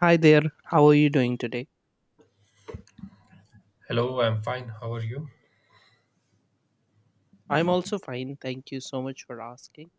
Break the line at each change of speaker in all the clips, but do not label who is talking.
Hi there, how are you doing today?
Hello, I'm fine. How are you?
I'm also fine, thank you so much for asking.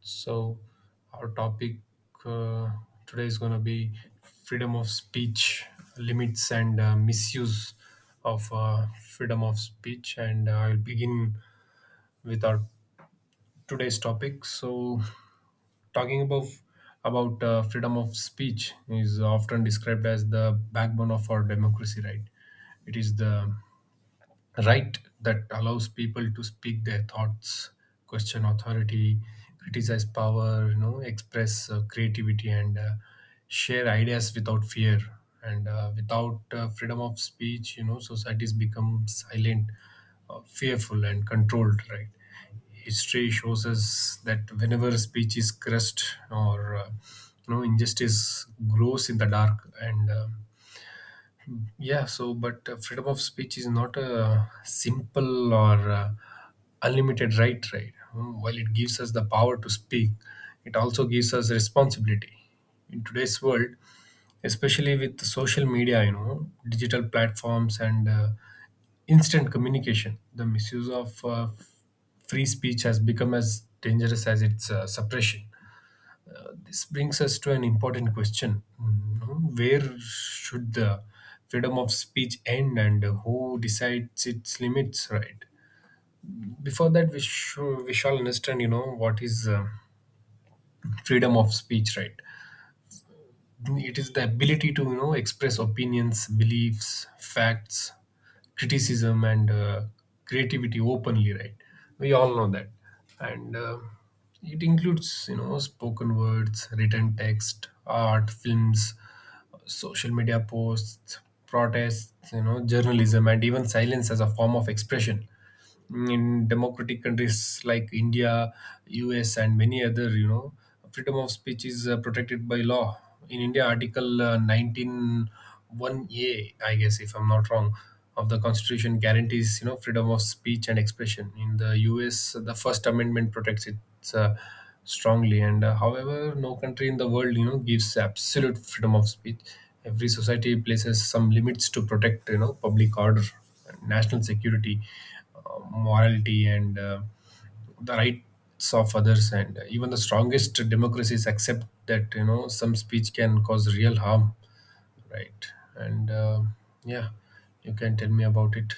So, our topic uh, today is going to be freedom of speech limits and misuse of freedom of speech. And I'll begin with our today's topic. Talking about freedom of speech is often described as the backbone of our democracy, right? It is the right that allows people to speak their thoughts, question authority, criticize power, express creativity, and share ideas without fear. And uh, without uh, freedom of speech, societies become silent, fearful, and controlled, right? History shows us that whenever speech is crushed or injustice grows in the dark. And uh, yeah, so but uh, freedom of speech is not a simple or unlimited right, right? While it gives us the power to speak, it also gives us responsibility. In today's world, especially with social media, digital platforms, and instant communication, the misuse of free speech has become as dangerous as its suppression. This brings us to an important question. Mm, no? Where should the freedom of speech end, and who decides its limits, right? Before that, we shall understand, what is freedom of speech, right? It is the ability to, express opinions, beliefs, facts, criticism, and creativity openly, right? We all know that. And it includes, spoken words, written text, art, films, social media posts, protests, journalism, and even silence as a form of expression. In democratic countries like India, US, and many other, freedom of speech is protected by law. In India, Article 19 1A, I guess, if I'm not wrong, of the Constitution guarantees, freedom of speech and expression. In the US, the First Amendment protects it Uh, strongly. And However, no country in the world gives absolute freedom of speech. Every society places some limits to protect, public order, national security, morality, and the rights of others. And even the strongest democracies accept that, some speech can cause real harm, right? and Yeah, you can tell me about it.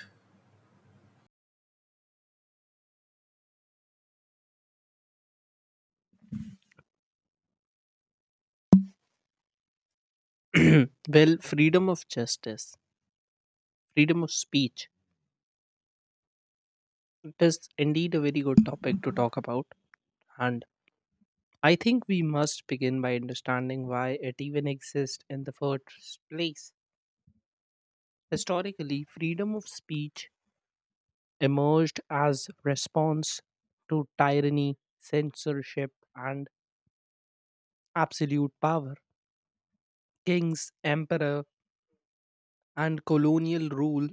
Well, freedom of justice, freedom of speech, it is indeed a very good topic to talk about. And I think we must begin by understanding why it even exists in the first place. Historically, freedom of speech emerged as response to tyranny, censorship, and absolute power. Kings, emperor, and colonial rule,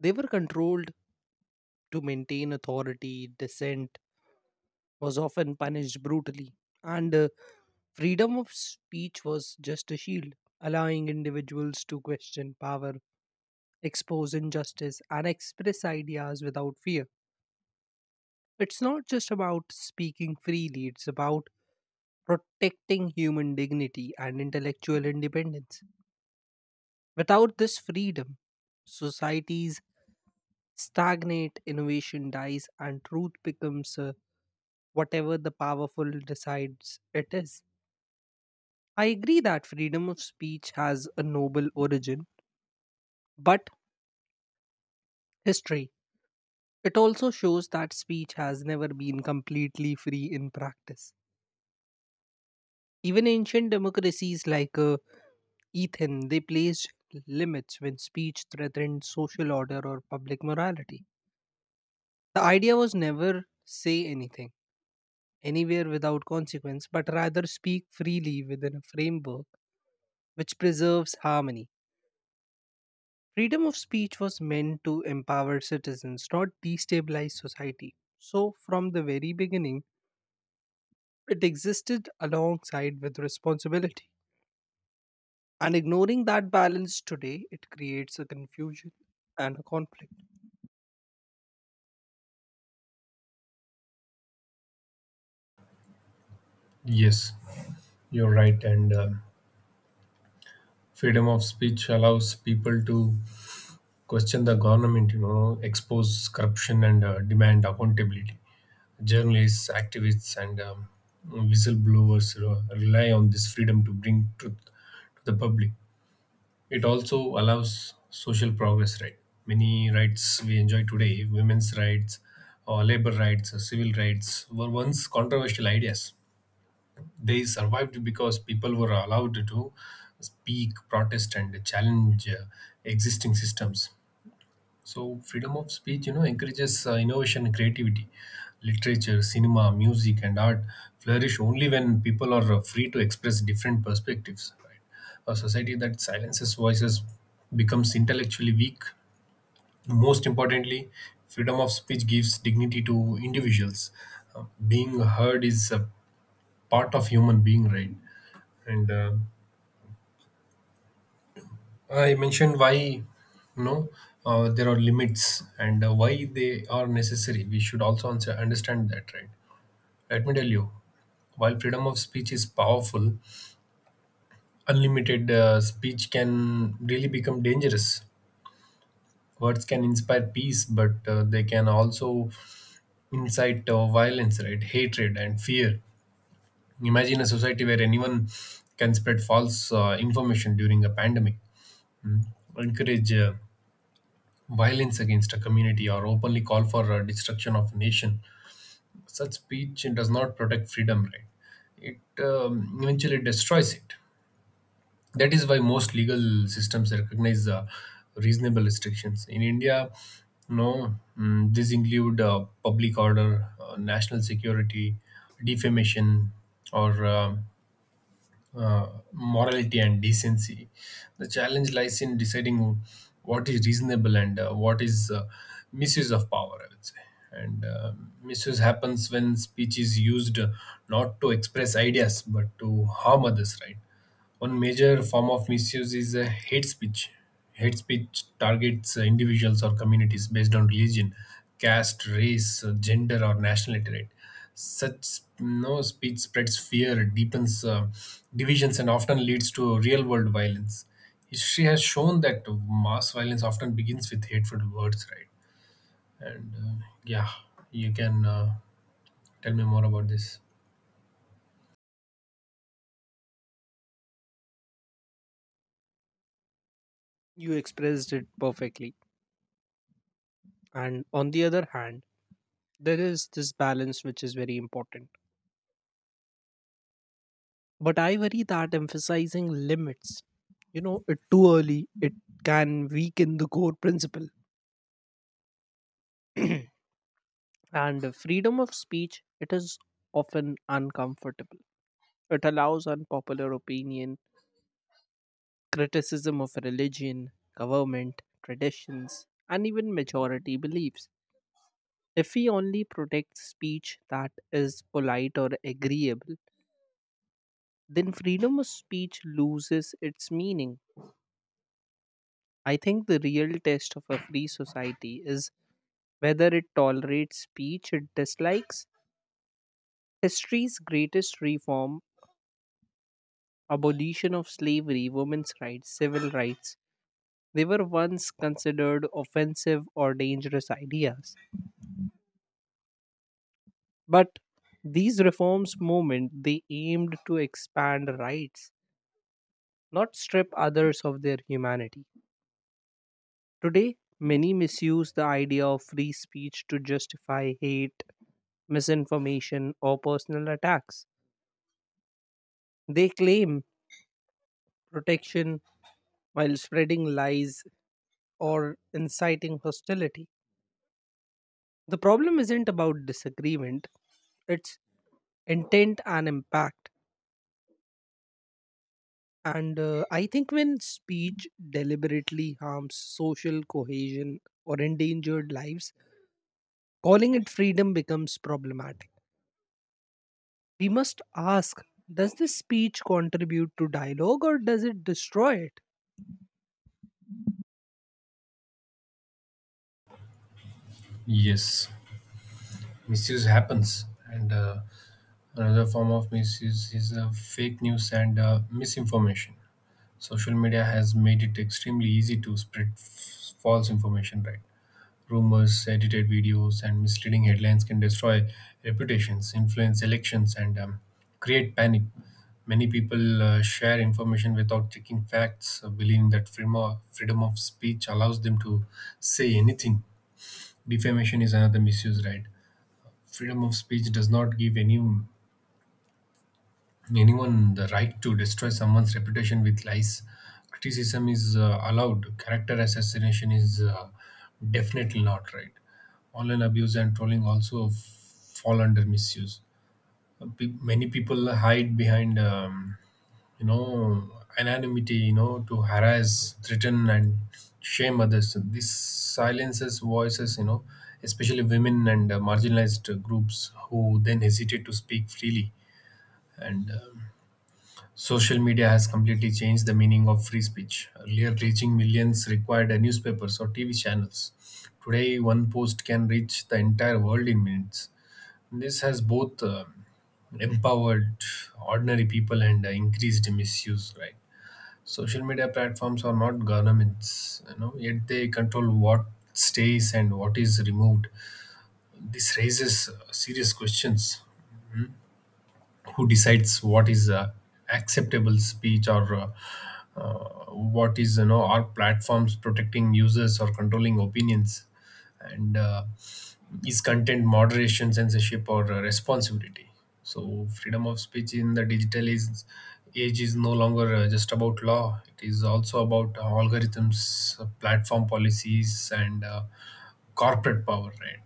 they were controlled to maintain authority, dissent was often punished brutally, and freedom of speech was just a shield, allowing individuals to question power, expose injustice, and express ideas without fear. It's not just about speaking freely, it's about protecting human dignity and intellectual independence. Without this freedom, societies stagnate, innovation dies, and truth becomes whatever the powerful decides it is. I agree that freedom of speech has a noble origin, but history. It also shows that speech has never been completely free in practice. Even ancient democracies like Ethan, they placed limits when speech threatened social order or public morality. The idea was never say anything anywhere without consequence, but rather speak freely within a framework which preserves harmony. Freedom of speech was meant to empower citizens, not destabilize society. So, from the very beginning, it existed alongside with responsibility. And ignoring that balance today, it creates a confusion and a conflict.
Yes, you're right. and Freedom of speech allows people to question the government, expose corruption, and demand accountability. Journalists, activists, and whistleblowers, rely on this freedom to bring truth to the public. It also allows social progress, right? Many rights we enjoy today, women's rights, or labor rights, or civil rights, were once controversial ideas. They survived because people were allowed to speak, protest, and challenge existing systems. So freedom of speech, encourages innovation and creativity. Literature, cinema, music, and art flourish only when people are free to express different perspectives, right? A society that silences voices becomes intellectually weak. Most importantly, freedom of speech gives dignity to individuals. Being heard is a part of human being, right? And I mentioned why know there are limits and why they are necessary. We should also understand that, right? Let me tell you, while freedom of speech is powerful, unlimited speech can really become dangerous. Words can inspire peace, but they can also incite violence, right? Hatred and fear. Imagine a society where anyone can spread false information during a pandemic, mm, encourage violence against a community, or openly call for destruction of a nation. Such speech does not protect freedom, right? It eventually destroys it. That is why most legal systems recognize reasonable restrictions. In India, no, mm, these include public order, national security, defamation, or morality and decency. The challenge lies in deciding what is reasonable and what is misuse of power, I would say. And misuse happens when speech is used, not to express ideas but to harm others, right? One major form of misuse is hate speech. Hate speech targets individuals or communities based on religion, caste, race, gender, or nationality, right? Such no speech spreads fear, deepens divisions, and often leads to real-world violence. History has shown that mass violence often begins with hateful words, right? And yeah, you can tell me more about this.
You expressed it perfectly. And on the other hand, there is this balance which is very important. But I worry that emphasizing limits, you know, it too early, it can weaken the core principle. And freedom of speech, it is often uncomfortable. It allows unpopular opinion, criticism of religion, government, traditions, and even majority beliefs. If we only protect speech that is polite or agreeable, then freedom of speech loses its meaning. I think the real test of a free society is whether it tolerates speech it dislikes. History's greatest reform, abolition of slavery, women's rights, civil rights, they were once considered offensive or dangerous ideas. But these reforms movement they aimed to expand rights, not strip others of their humanity. Today, many misuse the idea of free speech to justify hate, misinformation, or personal attacks. They claim protection while spreading lies or inciting hostility. The problem isn't about disagreement, it's intent and impact. And I think when speech deliberately harms social cohesion or endangered lives, calling it freedom becomes problematic. We must ask, does this speech contribute to dialogue or does it destroy it?
Yes, misuse happens, and another form of misuse is fake news and misinformation. Social media has made it extremely easy to spread false information, right? Rumors, edited videos, and misleading headlines can destroy reputations, influence elections, and create panic. Many people share information without checking facts, believing that freedom of speech allows them to say anything. Defamation is another misuse, right? Freedom of speech does not give anyone the right to destroy someone's reputation with lies. Criticism is allowed. Character assassination is definitely not right. Online abuse and trolling also fall under misuse. Many people hide behind, you know, anonymity, to harass, threaten, and shame others. This silences voices, especially women and marginalized groups, who then hesitate to speak freely. And. Social media has completely changed the meaning of free speech. Earlier, reaching millions required a newspapers or TV channels. Today, one post can reach the entire world in minutes. This has both empowered ordinary people and increased misuse, right? Social media platforms are not governments, yet they control what stays and what is removed. This raises serious questions. Who decides what is acceptable speech? Or What is, are platforms protecting users or controlling opinions? And Is content moderation censorship or responsibility? So freedom of speech in the age is no longer just about law. It is also about algorithms, platform policies, and corporate power, right?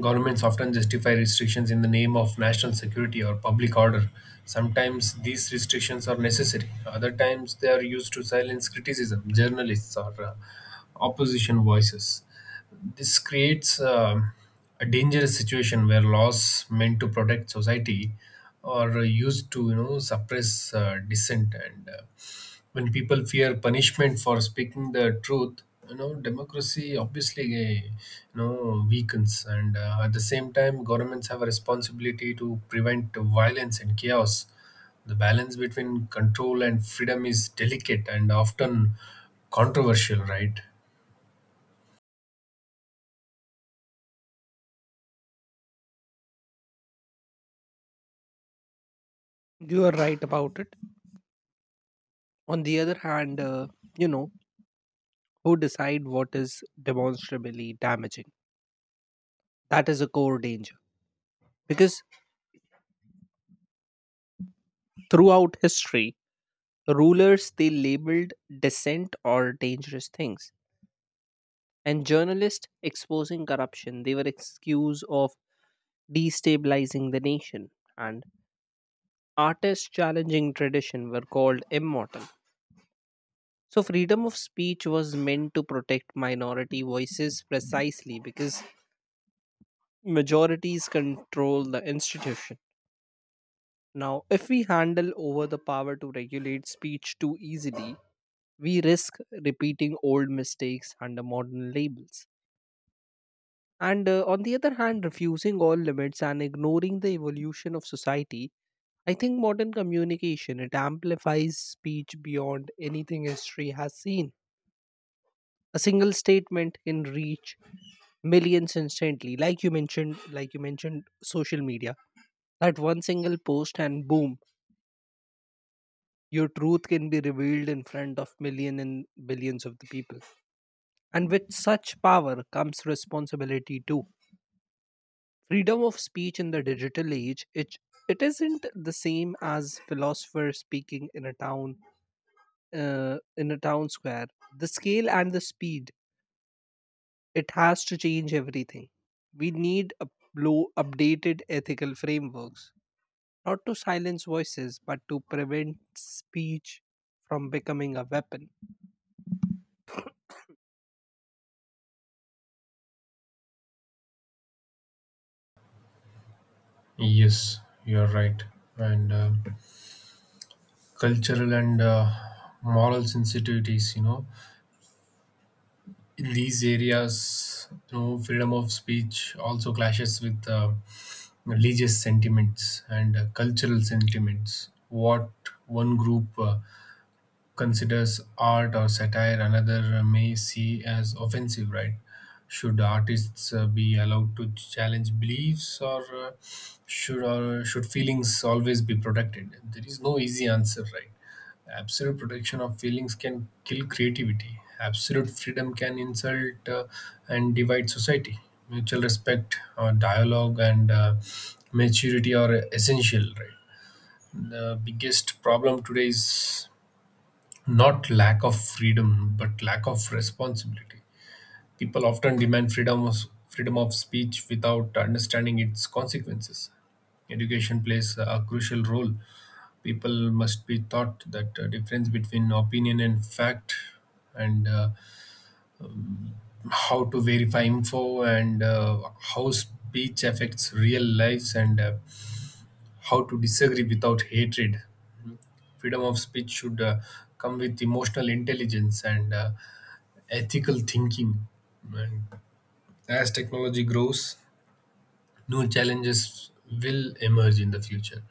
Governments often justify restrictions in the name of national security or public order. Sometimes these restrictions are necessary; other times they are used to silence criticism, journalists, or opposition voices. This creates a dangerous situation where laws meant to protect society are used to, suppress dissent. And When people fear punishment for speaking the truth, democracy obviously, weakens. And At the same time, governments have a responsibility to prevent violence and chaos. The balance between control and freedom is delicate and often controversial, right?
You are right about it. On the other hand, you know, who decide what is demonstrably damaging? That is a core danger. Because throughout history, rulers they labeled dissent or dangerous things, and journalists exposing corruption they were excuse of destabilizing the nation, and artists challenging tradition were called immortal. So freedom of speech was meant to protect minority voices precisely because majorities control the institution. Now, if we handle over the power to regulate speech too easily, we risk repeating old mistakes under modern labels. And on the other hand, refusing all limits and ignoring the evolution of society, I think modern communication it amplifies speech beyond anything history has seen. A single statement can reach millions instantly, like you mentioned, social media. That one single post and boom, your truth can be revealed in front of million and billions of the people. And with such power comes responsibility too. Freedom of speech in the digital age, it isn't the same as philosopher speaking uh, in a town square. The scale and the speed, it has to change everything. We need up- low updated ethical frameworks, not to silence voices but to prevent speech from becoming a weapon.
Yes, you're right. and Cultural and moral sensitivities, in these areas, freedom of speech also clashes with religious sentiments and cultural sentiments. What one group considers art or satire, another may see as offensive, right? Should artists be allowed to challenge beliefs, or should feelings always be protected? There is no easy answer, right? Absolute protection of feelings can kill creativity. Absolute freedom can insult and divide society. Mutual respect, dialogue, and maturity are essential. Right. The biggest problem today is not lack of freedom, but lack of responsibility. People often demand freedom of speech without understanding its consequences. Education plays a crucial role. People must be taught that difference between opinion and fact, and how to verify info, and how speech affects real lives, and how to disagree without hatred. Freedom of speech should come with emotional intelligence and ethical thinking. And as technology grows, new challenges will emerge in the future.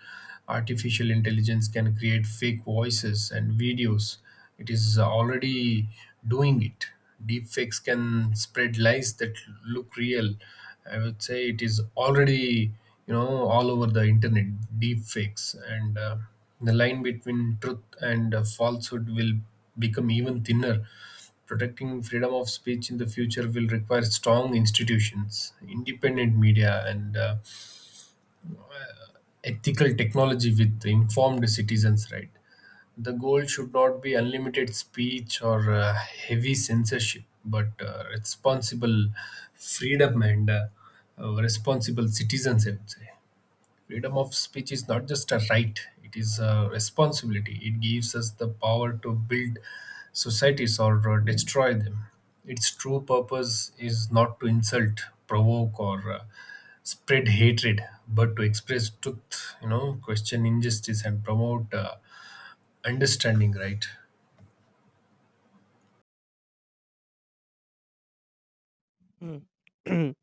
Artificial intelligence can create fake voices and videos. It is already doing it. Deepfakes can spread lies that look real. I would say it is already, all over the internet. Deepfakes, and the line between truth and falsehood will become even thinner. Protecting freedom of speech in the future will require strong institutions, independent media, and ethical technology with informed citizens. Right, the goal should not be unlimited speech or heavy censorship, but responsible freedom and responsible citizens, I would say. Freedom of speech is not just a right, it is a responsibility. It gives us the power to build societies or destroy them. Its true purpose is not to insult, provoke, or spread hatred, but to express truth, question injustice, and promote understanding, right?
Mm.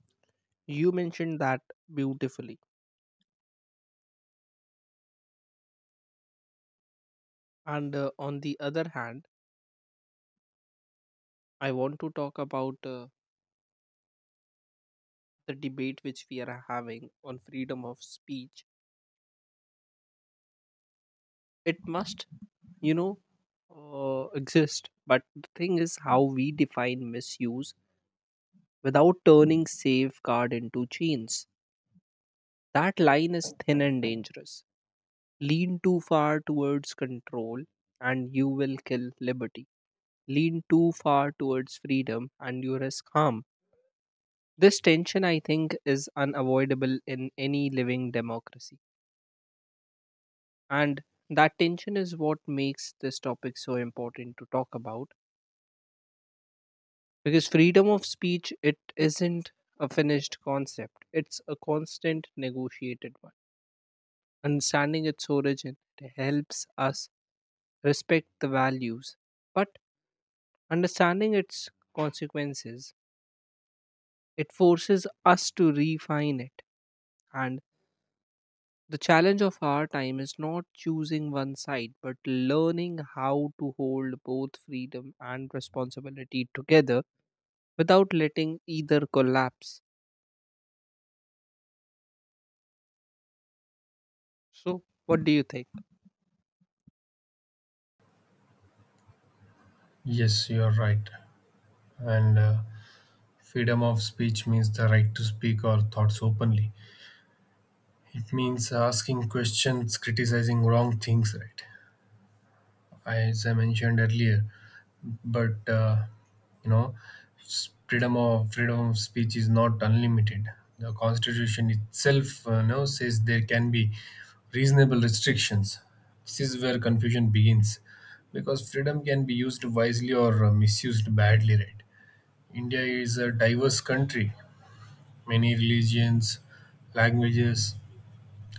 You mentioned that beautifully, and on the other hand, I want to talk about the debate which we are having on freedom of speech. It must, you know, exist, but the thing is how we define misuse without turning safeguard into chains. That line is thin and dangerous. Lean too far towards control and you will kill liberty. Lean too far towards freedom and you risk harm. This tension, I think, is unavoidable in any living democracy. And that tension is what makes this topic so important to talk about, because freedom of speech it isn't a finished concept. It's a constant negotiated one. Understanding its origin it helps us respect the values, but understanding its consequences it forces us to refine it. And the challenge of our time is not choosing one side, but learning how to hold both freedom and responsibility together without letting either collapse. So, what do you think?
Yes, you're right. and Freedom of speech means the right to speak our thoughts openly. It means asking questions, criticizing wrong things, right, as I mentioned earlier. But you know, freedom of speech is not unlimited. The Constitution itself now says there can be reasonable restrictions. This is where confusion begins, because freedom can be used wisely or misused badly, right? India is a diverse country, many religions, languages,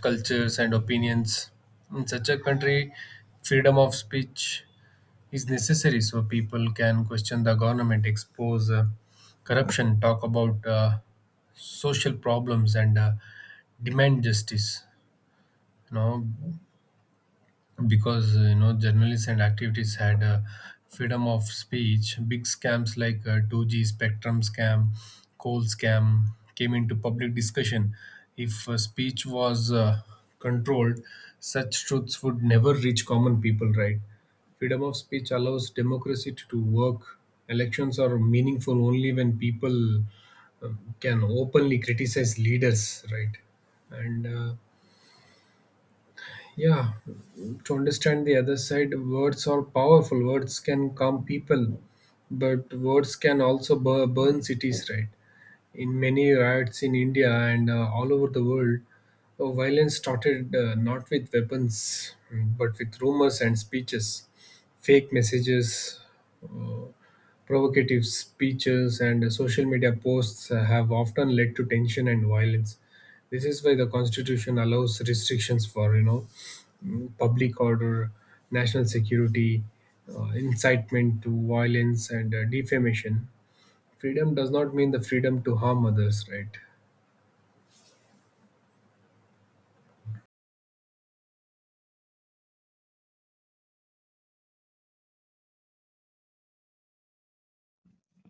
cultures, and opinions. In such a country, freedom of speech is necessary, so people can question the government, expose corruption, talk about social problems, and demand justice. You know, because journalists and activities had freedom of speech, big scams like 2G spectrum scam, coal scam, came into public discussion. If speech was controlled, such truths would never reach common people, right? Freedom of speech allows democracy to work. Elections are meaningful only when people can openly criticize leaders, right? and Yeah, to understand the other side, words are powerful. Words can calm people, but words can also burn cities, right? In many riots in India and all over the world, violence started, not with weapons, but with rumors and speeches. Fake messages, uh, provocative speeches, and social media posts have often led to tension and violence. This is why the Constitution allows restrictions for, public order, national security, incitement to violence, and defamation. Freedom does not mean the freedom to harm others, right?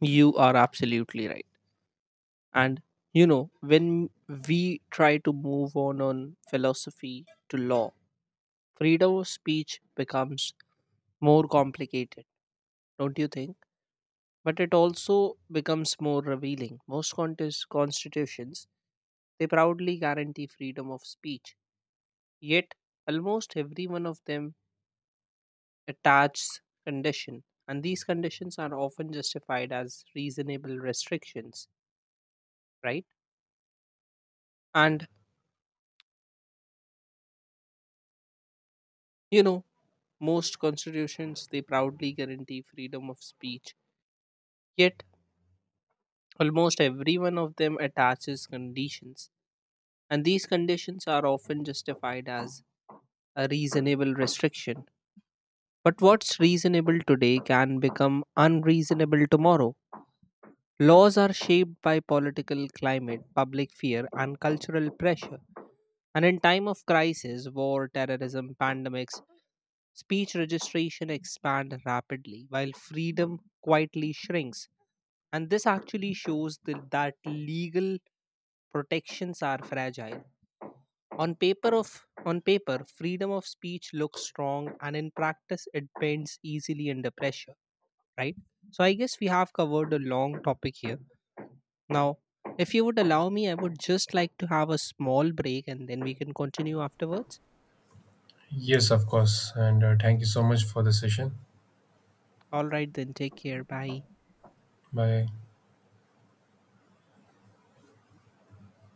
You are absolutely right. And you know, when we try to move on philosophy to law, freedom of speech becomes more complicated, don't you think? But it also becomes more revealing. Most contest constitutions, they proudly guarantee freedom of speech. Yet, almost every one of them attaches condition, and these conditions are often justified as reasonable restrictions, right? And you know, most constitutions they proudly guarantee freedom of speech. Yet, almost every one of them attaches conditions, and these conditions are often justified as a reasonable restriction. But what's reasonable today can become unreasonable tomorrow. Laws are shaped by political climate, public fear, and cultural pressure. And in time of crisis, war, terrorism, pandemics, speech registration expand rapidly while freedom quietly shrinks. And this actually shows that, that legal protections are fragile. On paper, freedom of speech looks strong and in practice it bends easily under pressure, right? So I guess we have covered a long topic here. Now, if you would allow me, I would just like to have a small break and then we can continue afterwards.
Yes, of course. And thank you so much for the session.
All right, then take care. Bye.
Bye.